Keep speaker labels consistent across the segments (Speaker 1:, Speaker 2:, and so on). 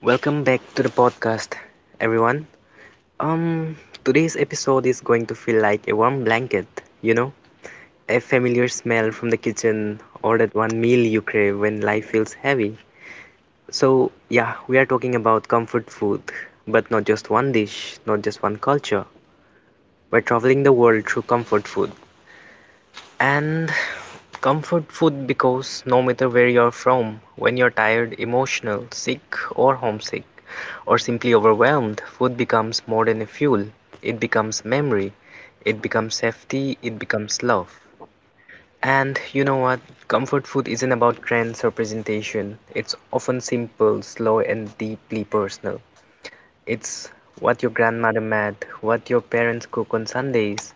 Speaker 1: Welcome back to the podcast, everyone. Um, today's episode is going to feel like a warm blanket, you know, a familiar smell from the kitchen or that one meal you crave when life feels heavy. So, yeah, we are talking about comfort food, but not just one dish, not just one culture. We're traveling the world through comfort food. And comfort food because no matter where you're from, when you're tired, emotional, sick, or homesick, or simply overwhelmed, food becomes more than a fuel. It becomes memory, it becomes safety, it becomes love. And you know what? Comfort food isn't about trends or presentation. It's often simple, slow, and deeply personal. It's what your grandmother made, what your parents cook on Sundays,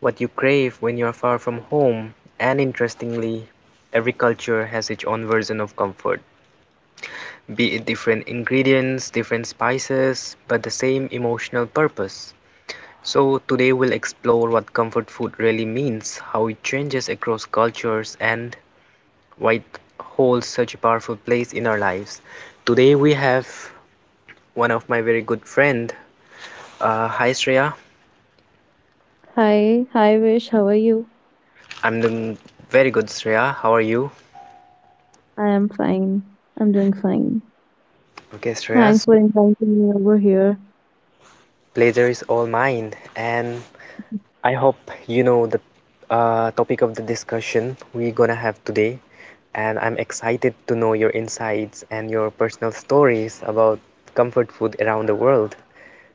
Speaker 1: what you crave when you are far from home. And interestingly, every culture has its own version of comfort, be it different ingredients, different spices, but the same emotional purpose. So, today we'll explore what comfort food really means, how it changes across cultures, and why it holds such a powerful place in our lives. Today we have one of my very good friend. Hi Shreya,
Speaker 2: Hi, hi Vish, how are you?
Speaker 1: I'm doing very good, Shreya. How are you?
Speaker 2: I am fine. I'm doing fine.
Speaker 1: Okay, Shreya.
Speaker 2: Thanks for
Speaker 1: So,
Speaker 2: inviting me over here.
Speaker 1: pleasure is all mine, and I hope you know the topic of the discussion we're gonna have today. And I'm excited to know your insights and your personal stories about comfort food around the world.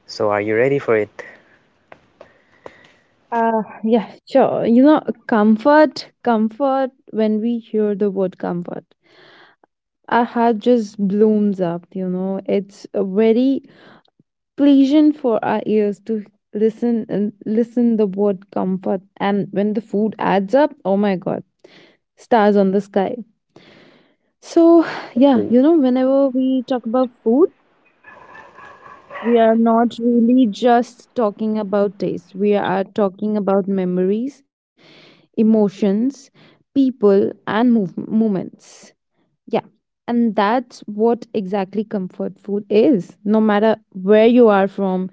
Speaker 1: So, are you ready for it?
Speaker 2: Yeah, sure. You know, comfort, when we hear the word comfort, our heart just blooms up, you know. It's a very pleasant for our ears to listen and listen the word comfort. And when the food adds up, oh my God, stars on the sky. So, yeah,
Speaker 1: Exactly.
Speaker 2: you know, whenever we talk about food, we are not really just talking about taste, we are talking about memories, emotions, people and movements. Yeah. And that's what exactly comfort food is, no matter where you are from,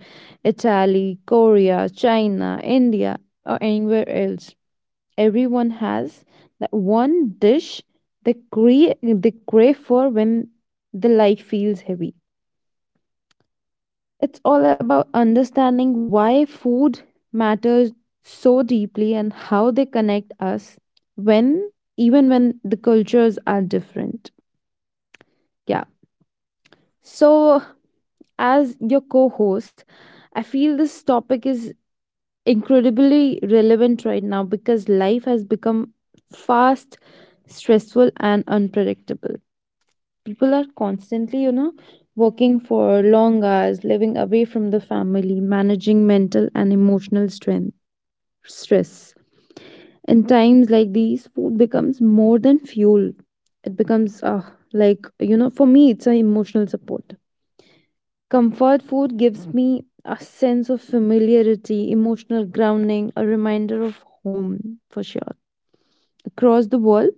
Speaker 2: Italy, Korea, China, India, or anywhere else, everyone has that one dish they, they crave for when the life feels heavy. It's all about understanding why food matters so deeply and how they connect us when even when the cultures are different. Yeah. So, as your co-host, I feel this topic is incredibly relevant right now because life has become fast, stressful and unpredictable. People are constantly, you know, working for long hours, living away from the family, managing mental and emotional strength stress. In times like these, food becomes more than fuel. It becomes, like, you know, for me, it's an emotional support. Comfort food gives me a sense of familiarity, emotional grounding, a reminder of home for sure. Across the world,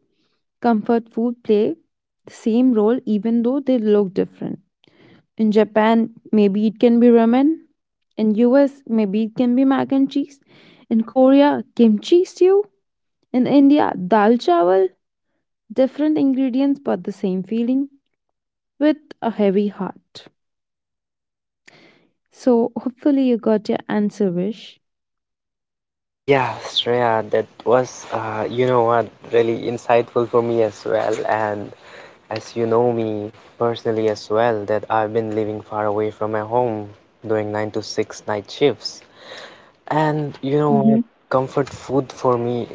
Speaker 2: comfort food play the same role even though they look different. In Japan, maybe it can be ramen. In US, maybe it can be mac and cheese. In Korea, kimchi stew. In India, dal chawal, different ingredients but the same feeling with a heavy heart. So, hopefully, you got your answer, Vish.
Speaker 1: Yeah, Shreya, that was, you know what, really insightful for me as well. And as you know me personally as well, that I've been living far away from my home, doing 9 to 6 night shifts. And
Speaker 2: Mhm.
Speaker 1: you know what? Comfort food for me.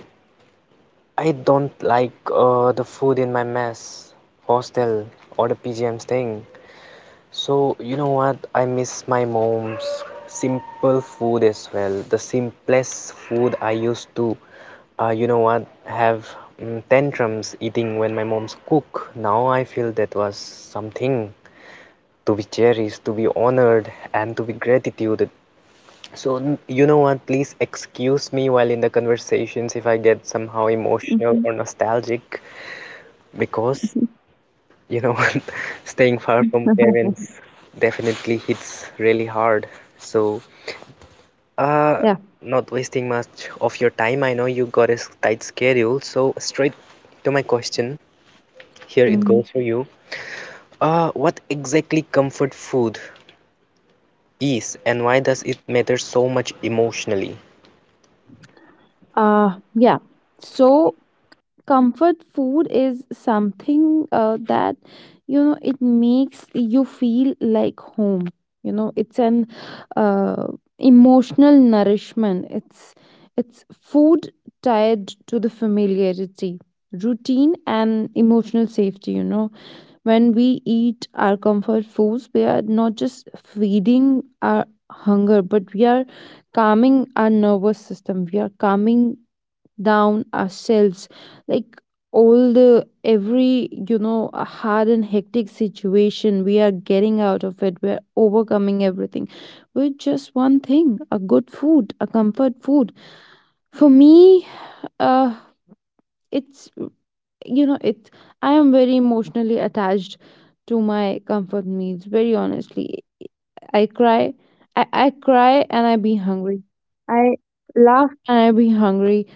Speaker 1: I don't like the food in my mess, hostel, or the PGM thing. So, you know what? I miss my mom's simple food as well. The simplest food I used to, have tantrums eating when my mom's cook. Now I feel that was something to be cherished, to be honored, and to be gratitude so, you know what? Please excuse me while in the conversations if I get somehow
Speaker 2: Mhm,
Speaker 1: emotional or nostalgic
Speaker 2: mhm.
Speaker 1: because, you know, staying far from parents definitely hits really hard. So,
Speaker 2: Yeah.
Speaker 1: uh, not wasting much of your time. I know you got a tight schedule, so straight to my question. Here it
Speaker 2: Mhm.
Speaker 1: goes for you. What exactly comfort food is and why does it matter so much emotionally?
Speaker 2: Yeah. So, comfort food is something that, you know, it makes you feel like home, you know. It's an uh, emotional nourishment. It's food tied to the familiarity, routine and emotional safety, you know. When we eat our comfort foods, we are not just feeding our hunger, but we are calming our nervous system, we are calming down ourselves, like all the every, you know, a hard and hectic situation, we are getting out of it, we're overcoming everything with just one thing, a good food, a comfort food. For me, uh it's, you know, it, I am very emotionally attached to my comfort meals. Very honestly, I cry. I cry and I be hungry. I laugh and I be hungry.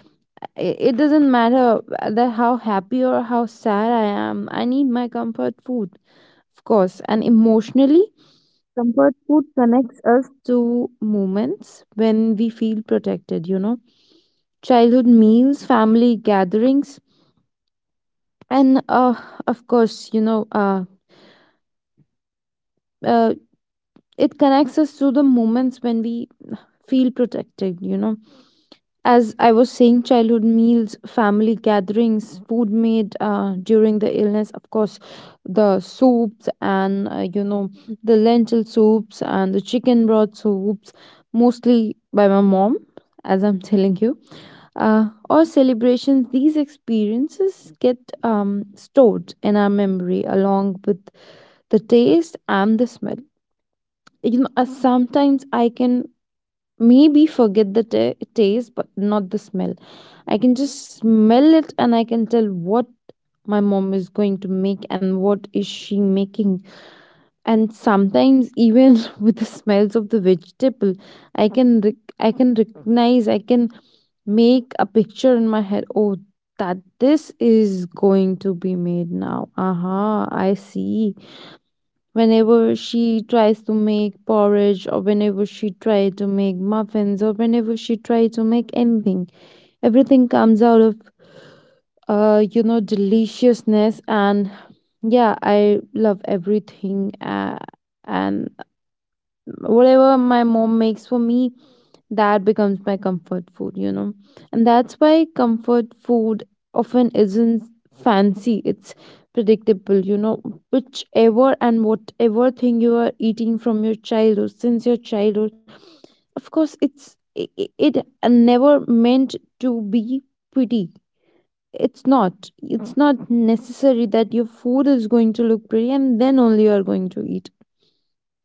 Speaker 2: It doesn't matter that how happy or how sad I am, I need my comfort food, of course. And emotionally, comfort food connects us to moments when we feel protected, you know, childhood meals, family gatherings, and of course, uh, it connects us to the moments when we feel protected, you know. As I was saying, childhood meals, family gatherings, food made during the illness, of course, the soups and, you know, the lentil soups and the chicken broth soups, mostly by my mom, as I'm telling you, or celebrations. These experiences get stored in our memory along with the taste and the smell, you know. Sometimes I can maybe forget the ta taste but not the smell. I can just smell it and I can tell what my mom is going to make and what is she making. And sometimes even with the smells of the vegetable, I can I can recognize, I can make a picture in my head, oh, that this is going to be made now, aha, I see. Whenever she tries to make porridge or whenever she tries to make muffins or whenever she tries to make anything, everything comes out of you know, deliciousness. And yeah, I love everything. And whatever my mom makes for me, that becomes my comfort food, you know. And that's why comfort food often isn't fancy, it's predictable, you know. Whichever and whatever thing you are eating from your childhood, since your childhood, of course, it never meant to be pretty. It's not necessary that your food is going to look pretty and then only you are going to eat.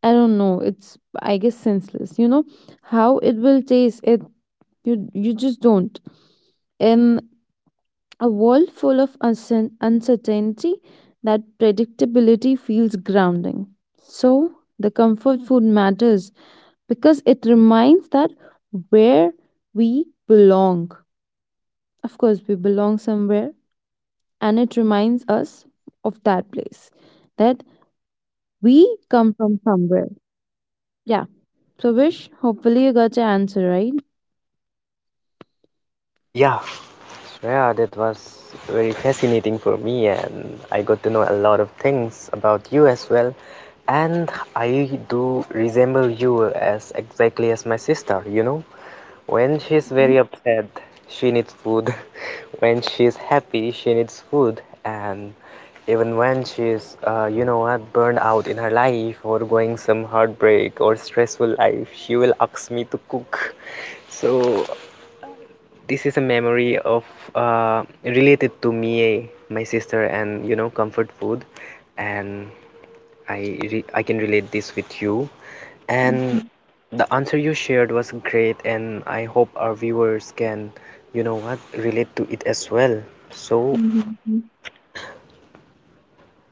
Speaker 2: I don't know. It's, I guess, senseless. You know how it will taste. It, you just don't. In a world full of uncertainty, that predictability feels grounding. So, the comfort food matters because it reminds that where we belong. Of course, we belong somewhere, and it reminds us of that place, that we come from somewhere. Yeah. So, Vish, hopefully you got your answer right.
Speaker 1: Yeah, yeah, that was very fascinating for me, and I got to know a lot of things about you as well. And I do resemble you as exactly as my sister, you know. When she's very
Speaker 2: Mhm,
Speaker 1: upset, she needs food. When she's happy, she needs food. And even when she's, burned out in her life or going some heartbreak or stressful life, she will ask me to cook. So, this is a memory of, related to me, my sister, and you know, comfort food, and I can relate this with you. And
Speaker 2: mhm,
Speaker 1: the answer you shared was great, and I hope our viewers can, you know what, relate to it as well. So,
Speaker 2: mhm,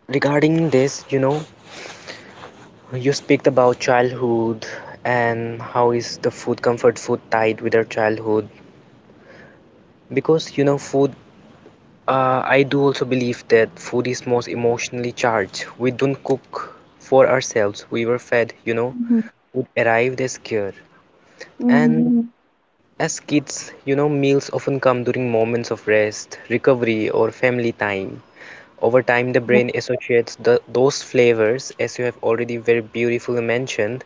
Speaker 1: regarding this, you speak about childhood and how is comfort food tied with our childhood? Because, you know, food. I do also believe that food is most emotionally charged. We don't cook for ourselves. We were fed,
Speaker 2: mhm,
Speaker 1: food arrived as care.
Speaker 2: mhm,
Speaker 1: And
Speaker 2: mhm,
Speaker 1: as kids, meals often come during moments of rest, recovery, or family time. Over time, the
Speaker 2: yeah,
Speaker 1: brain associates those flavors, as you have already very beautifully mentioned,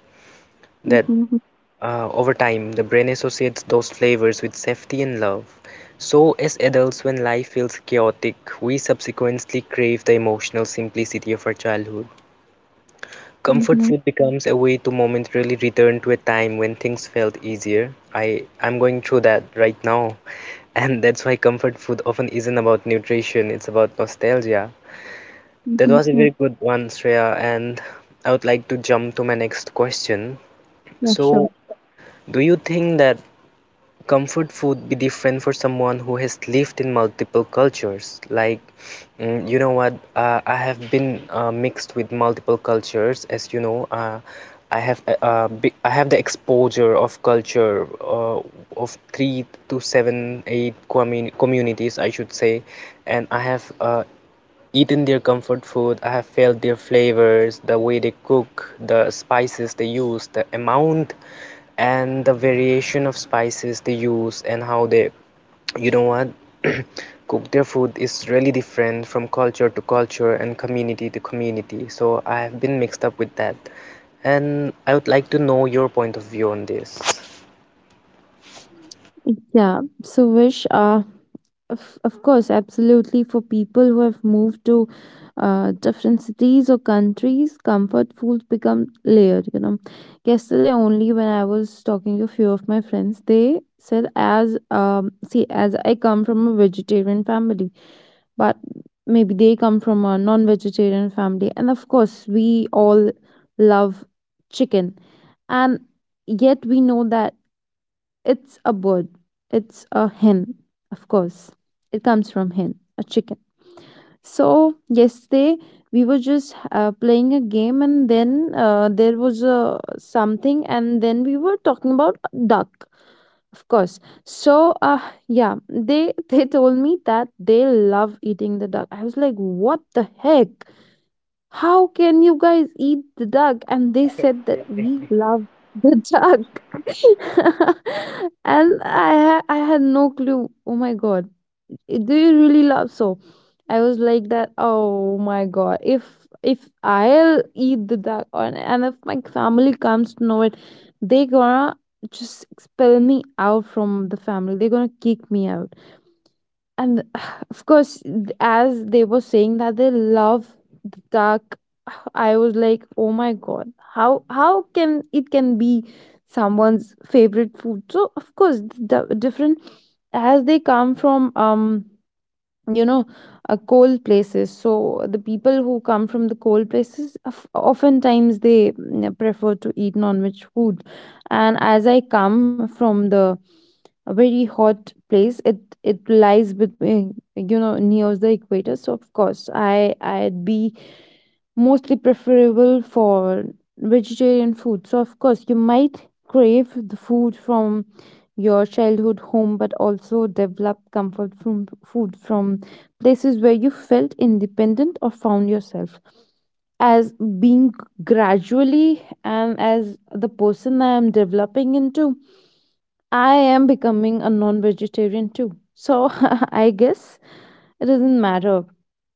Speaker 1: that
Speaker 2: mhm,
Speaker 1: over time, the brain associates those flavors with safety and love. So, as adults, when life feels chaotic, we subsequently crave the emotional simplicity of our childhood. Comfort
Speaker 2: mhm,
Speaker 1: food becomes a way to momentarily return to a time when things felt easier. I'm going through that right now. And that's why comfort food often isn't about nutrition, it's about nostalgia. That
Speaker 2: mhm,
Speaker 1: was a
Speaker 2: mhm.
Speaker 1: very good one, Shreya, and I would like to jump to my next question.
Speaker 2: Yeah, sure.
Speaker 1: So, do you think that comfort food be different for someone who has lived in multiple cultures like mm, you know what I have been mixed with multiple cultures as you know, I have the exposure of culture, of three to seven eight communities I should say and I have, eaten their comfort food, I have felt their flavors, the way they cook, the spices they use, the amount and the variation of spices they use, and how they, you know what, cook their food is really different from culture to culture and community to community. So I have been mixed up with that, and I would like to know your point of view on this.
Speaker 2: Yeah. So, Vish, of course, absolutely. For people who have moved to different cities or countries, comfort foods become layered, you know. Yesterday, only when I was talking to a few of my friends, they said, as see, as I come from a vegetarian family, but maybe they come from a non vegetarian family. And of course, we all love chicken. And yet we know that it's a bird, it's a hen, of course. It comes from hen, a chicken. So, yesterday we were just playing a game, and then there was something, and then we were talking about a duck, of course. So, yeah, they they told me that they love eating the duck. I was like, what the heck? How can you guys eat the duck? And they said that we love the duck. And I I had no clue. Oh my god. Do you really love so? I was like that, oh my god. If I'll eat the duck, and if my family comes to know it, they gonna just expel me out from the family. They're gonna kick me out. And of course, as they were saying that they love the dark, I was like, oh my god, how can it can be someone's favorite food. So, of course, the different, as they come from you know, cold places, so the people who come from the cold places oftentimes they prefer to eat non-veg food. And as I come from the a very hot place, it lies between, you know, near the equator. So of course, I'd be mostly preferable for vegetarian food. So of course, you might crave the food from your childhood home, but also develop comfort from food from places where you felt independent or found yourself, as being gradually, and as the person I am developing into, I am becoming a non vegetarian too. So I guess it doesn't matter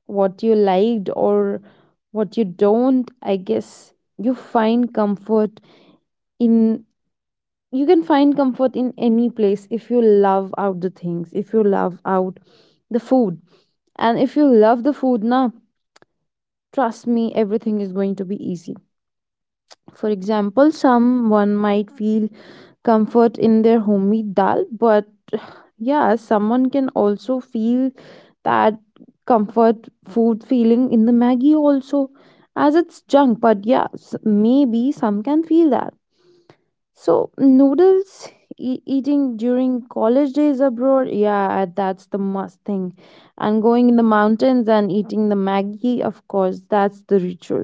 Speaker 2: what you liked or what you don't. I guess you find comfort in, you can find comfort in any place if you love out the things, if you love out the food. And if you love the food na, trust me, everything is going to be easy. For example, someone might feel comfort in their homemade dal, but yeah, someone can also feel that comfort food feeling in the Maggie also, as it's junk. But yeah, maybe some can feel that. So noodles eating during college days abroad, yeah, that's the must thing. And going in the mountains and eating the Maggie, of course, that's the ritual.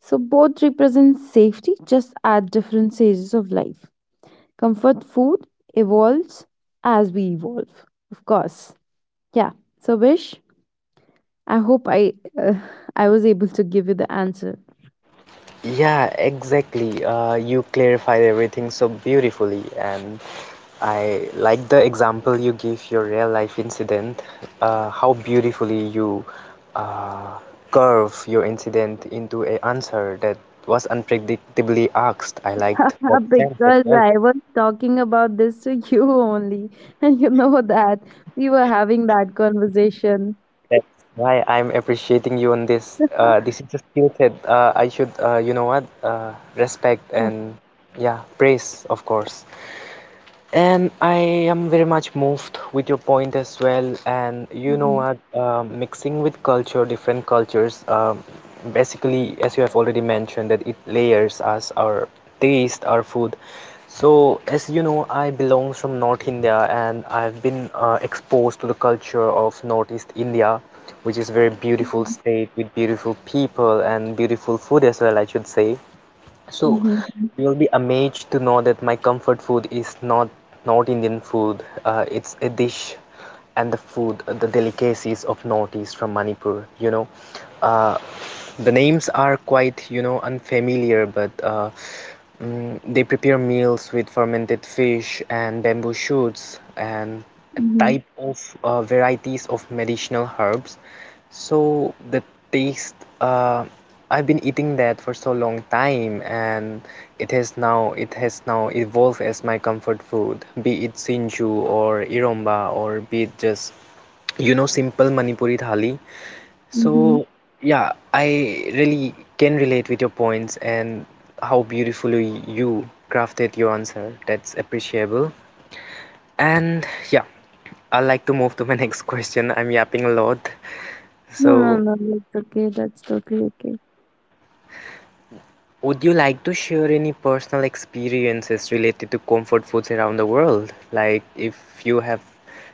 Speaker 2: So both represent safety, just at different stages of life. Comfort food evolves as we evolve, of course. Yeah. So, Vish, I hope I uh, I was able to give you the answer
Speaker 1: Yeah, exactly. You clarified everything so beautifully, and I like the example you give your real life incident. How beautifully you uh, curve your incident into a answer that was unpredictably asked. I liked that sense as
Speaker 2: because
Speaker 1: well.
Speaker 2: I was talking about this to you only, and you know that we were having that conversation.
Speaker 1: That's why I'm appreciating you on this. Uh, this is a skill set. I should, respect
Speaker 2: Yeah.
Speaker 1: and, yeah, praise, of course. And I am very much moved with your point as well. And you know
Speaker 2: Mm-hmm.
Speaker 1: what, mixing with culture, different cultures, basically, as you have already mentioned, that it layers us, our taste, our food. So, as you know, I belong from North India and I've been exposed to the culture of Northeast India, which is very beautiful
Speaker 2: Mm-hmm.
Speaker 1: state with beautiful people and beautiful food as well, I should say. So
Speaker 2: Mm-hmm.
Speaker 1: you'll be amazed to know that my comfort food is not Indian food. It's a dish and the food, the delicacies of Northeast from Manipur, you know. Uh, the names are quite, unfamiliar, but they prepare meals with fermented fish and bamboo shoots and a
Speaker 2: Mm-hmm.
Speaker 1: type of varieties of medicinal herbs. So the taste, uh, I've been eating that for so long time and it has now evolved as my comfort food, be it sinju or iromba or be it just, you know, simple Manipuri thali.
Speaker 2: Mm-hmm.
Speaker 1: So, yeah, I really can relate with your points and how beautifully you crafted your answer. That's appreciable. And, yeah, I'd like to move to my next question. I'm yapping a lot.
Speaker 2: No, no,
Speaker 1: So,
Speaker 2: no. That's okay. That's totally okay.
Speaker 1: would you like to share any personal experiences related to comfort foods around the world? Like if you have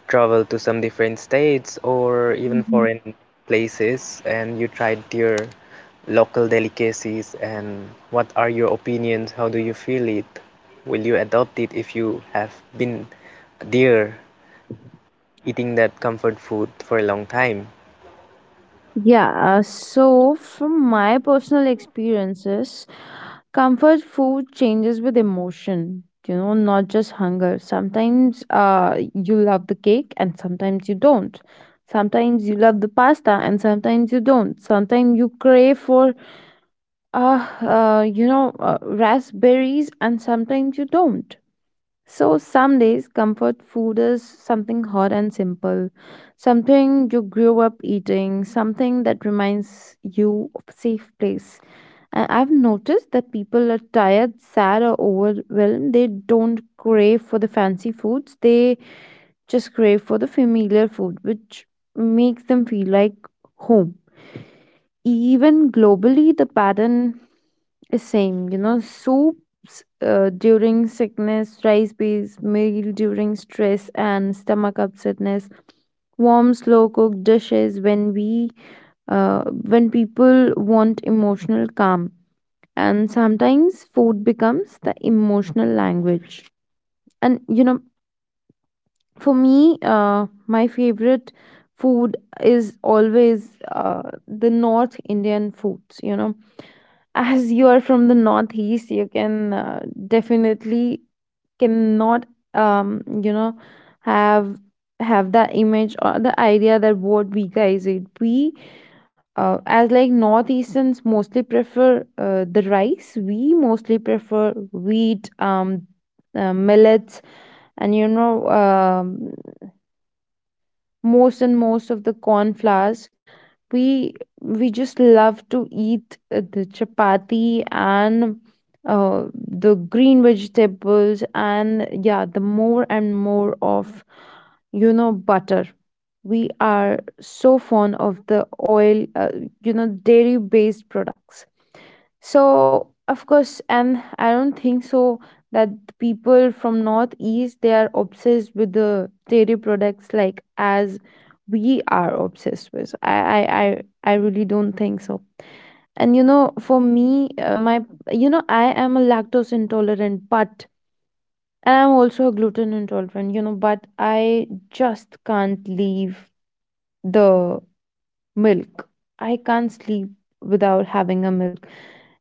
Speaker 1: traveled to some different states or even
Speaker 2: Mhm.
Speaker 1: foreign places and you tried their local delicacies and what are your opinions? How do you feel it? Will you adopt it if you have been there eating that comfort food for a long time?
Speaker 2: Yeah, so from my personal experiences, comfort food changes with emotion, you know, not just hunger. Sometimes you love the cake and sometimes you don't. Sometimes you love the pasta and sometimes you don't. Sometimes you crave for, you know, raspberries, and sometimes you don't. So, some days comfort food is something hot and simple, something you grew up eating, something that reminds you of a safe place. And I've noticed that people are tired, sad, or overwhelmed. They don't crave for the fancy foods, they just crave for the familiar food, which makes them feel like home. Even globally, the pattern same, you know, soups during sickness, rice based meal during stress and stomach upsetness, warm, slow cooked dishes when people want emotional calm. And sometimes food becomes the emotional language. And you know, for me, my favorite food is always the North Indian foods. You know, as you are from the northeast, you can definitely cannot you know have have that image or the idea that what we guys eat. We As like northeasterns mostly prefer the rice, we mostly prefer wheat, millets, and you know, most and most of the corn flours, we we just love to eat the chapati and the green vegetables, and yeah, the more and more of, you know, butter, we are so fond of the oil, you know, dairy based products. So, of course, and I don't think so that the people from Northeast they are obsessed with the dairy products like as we are obsessed with. I really don't think so. And you know, for me, my, you know, I am a lactose intolerant, but and I'm also a gluten intolerant, you know, but I just can't leave the milk. I can't sleep without having a milk.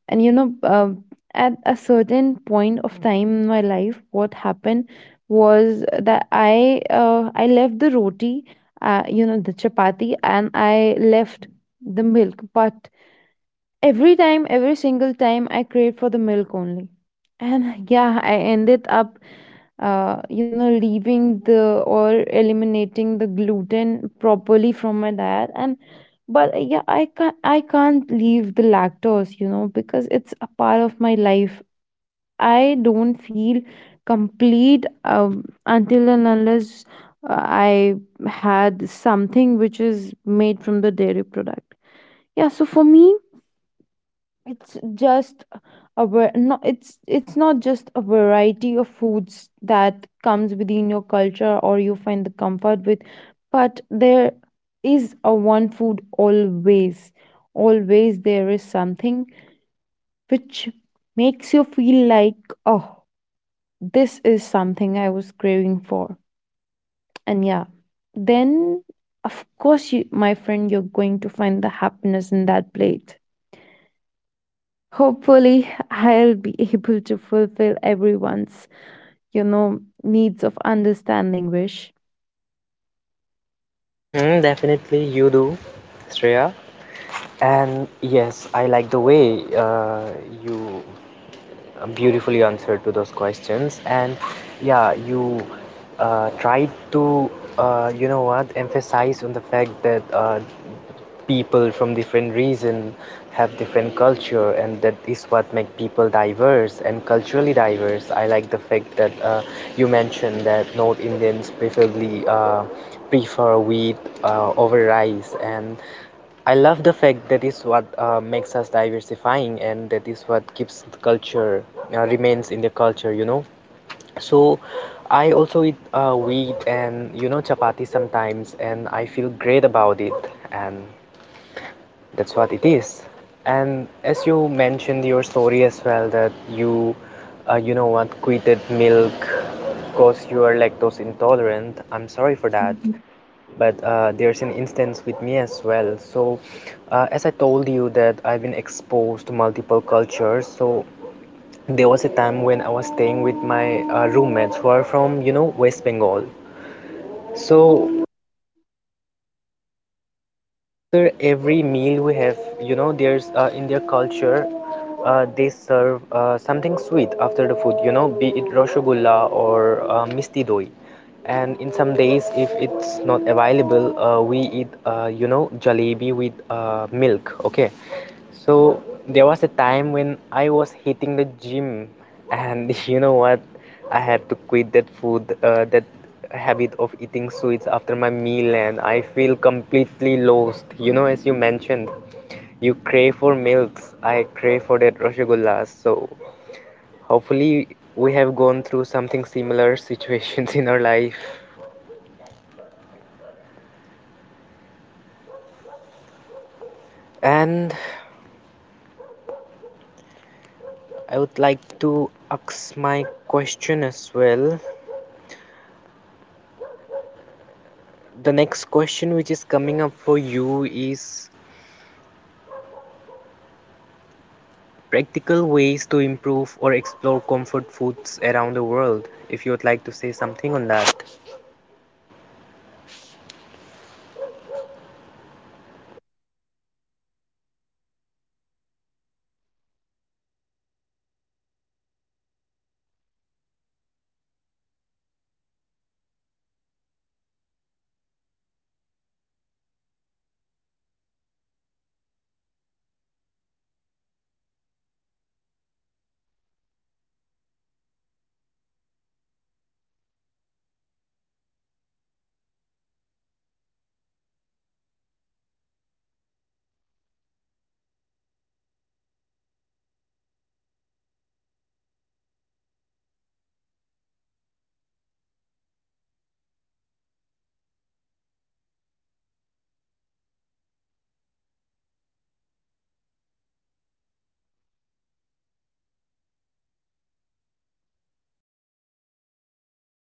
Speaker 2: And you know, at a certain point of time in my life, what happened was that I left the roti, you know, the chapati, and I left the milk. But every time, every single time, I craved for the milk only. And yeah, I ended up, you know, leaving the or eliminating the gluten properly from my diet. And but yeah, I can't leave the lactose, you know, because it's a part of my life. I don't feel complete until and unless I had something which is made from the dairy product. Yeah, so for me, it's just no, it's not just a variety of foods that comes within your culture or you find the comfort with, but there is a one food, always, always there is something which makes you feel like, oh, this is something I was craving for. And yeah, then of course, you my friend, you're going to find the happiness in that plate. Hopefully, I'll be able to fulfill everyone's, you know, needs of understanding wish.
Speaker 1: Mm-hmm, definitely you do, Shreya. And yes, I like the way you beautifully answered to those questions. And, yeah, you tried to, emphasize on the fact that people from different region have different culture, and that is what make people diverse and culturally diverse. I like the fact that you mentioned that North Indians preferably prefer wheat over rice and I love the fact that is what makes us diversifying and that is what keeps the culture remains in the culture, you know. So I also eat wheat and you know chapati sometimes and I feel great about it and that's what it is. And as you mentioned your story as well that you you know what quitted milk because you are lactose intolerant. I'm sorry for that but there's an instance with me as well so as I told you that I've been exposed to multiple cultures so there was a time when I was staying with my roommates who are from West Bengal. So, after every meal we have, you know, there's in their culture, they serve something sweet after the food, you know, be it rosgulla or misti doi. And in some days, if it's not available, we eat, jalebi with milk. Okay, so there was a time when I was hitting the gym, and you know what? I had to quit that food, that habit of eating sweets after my meal, and I feel completely lost. You know, as you mentioned, you crave for milks. I crave for that rasgulla. So hopefully we have gone through something similar situations in our life. And I would like to ask my question as well. The next question which is coming up for you is practical ways to improve or explore comfort foods around the world. If you would like to say something on that.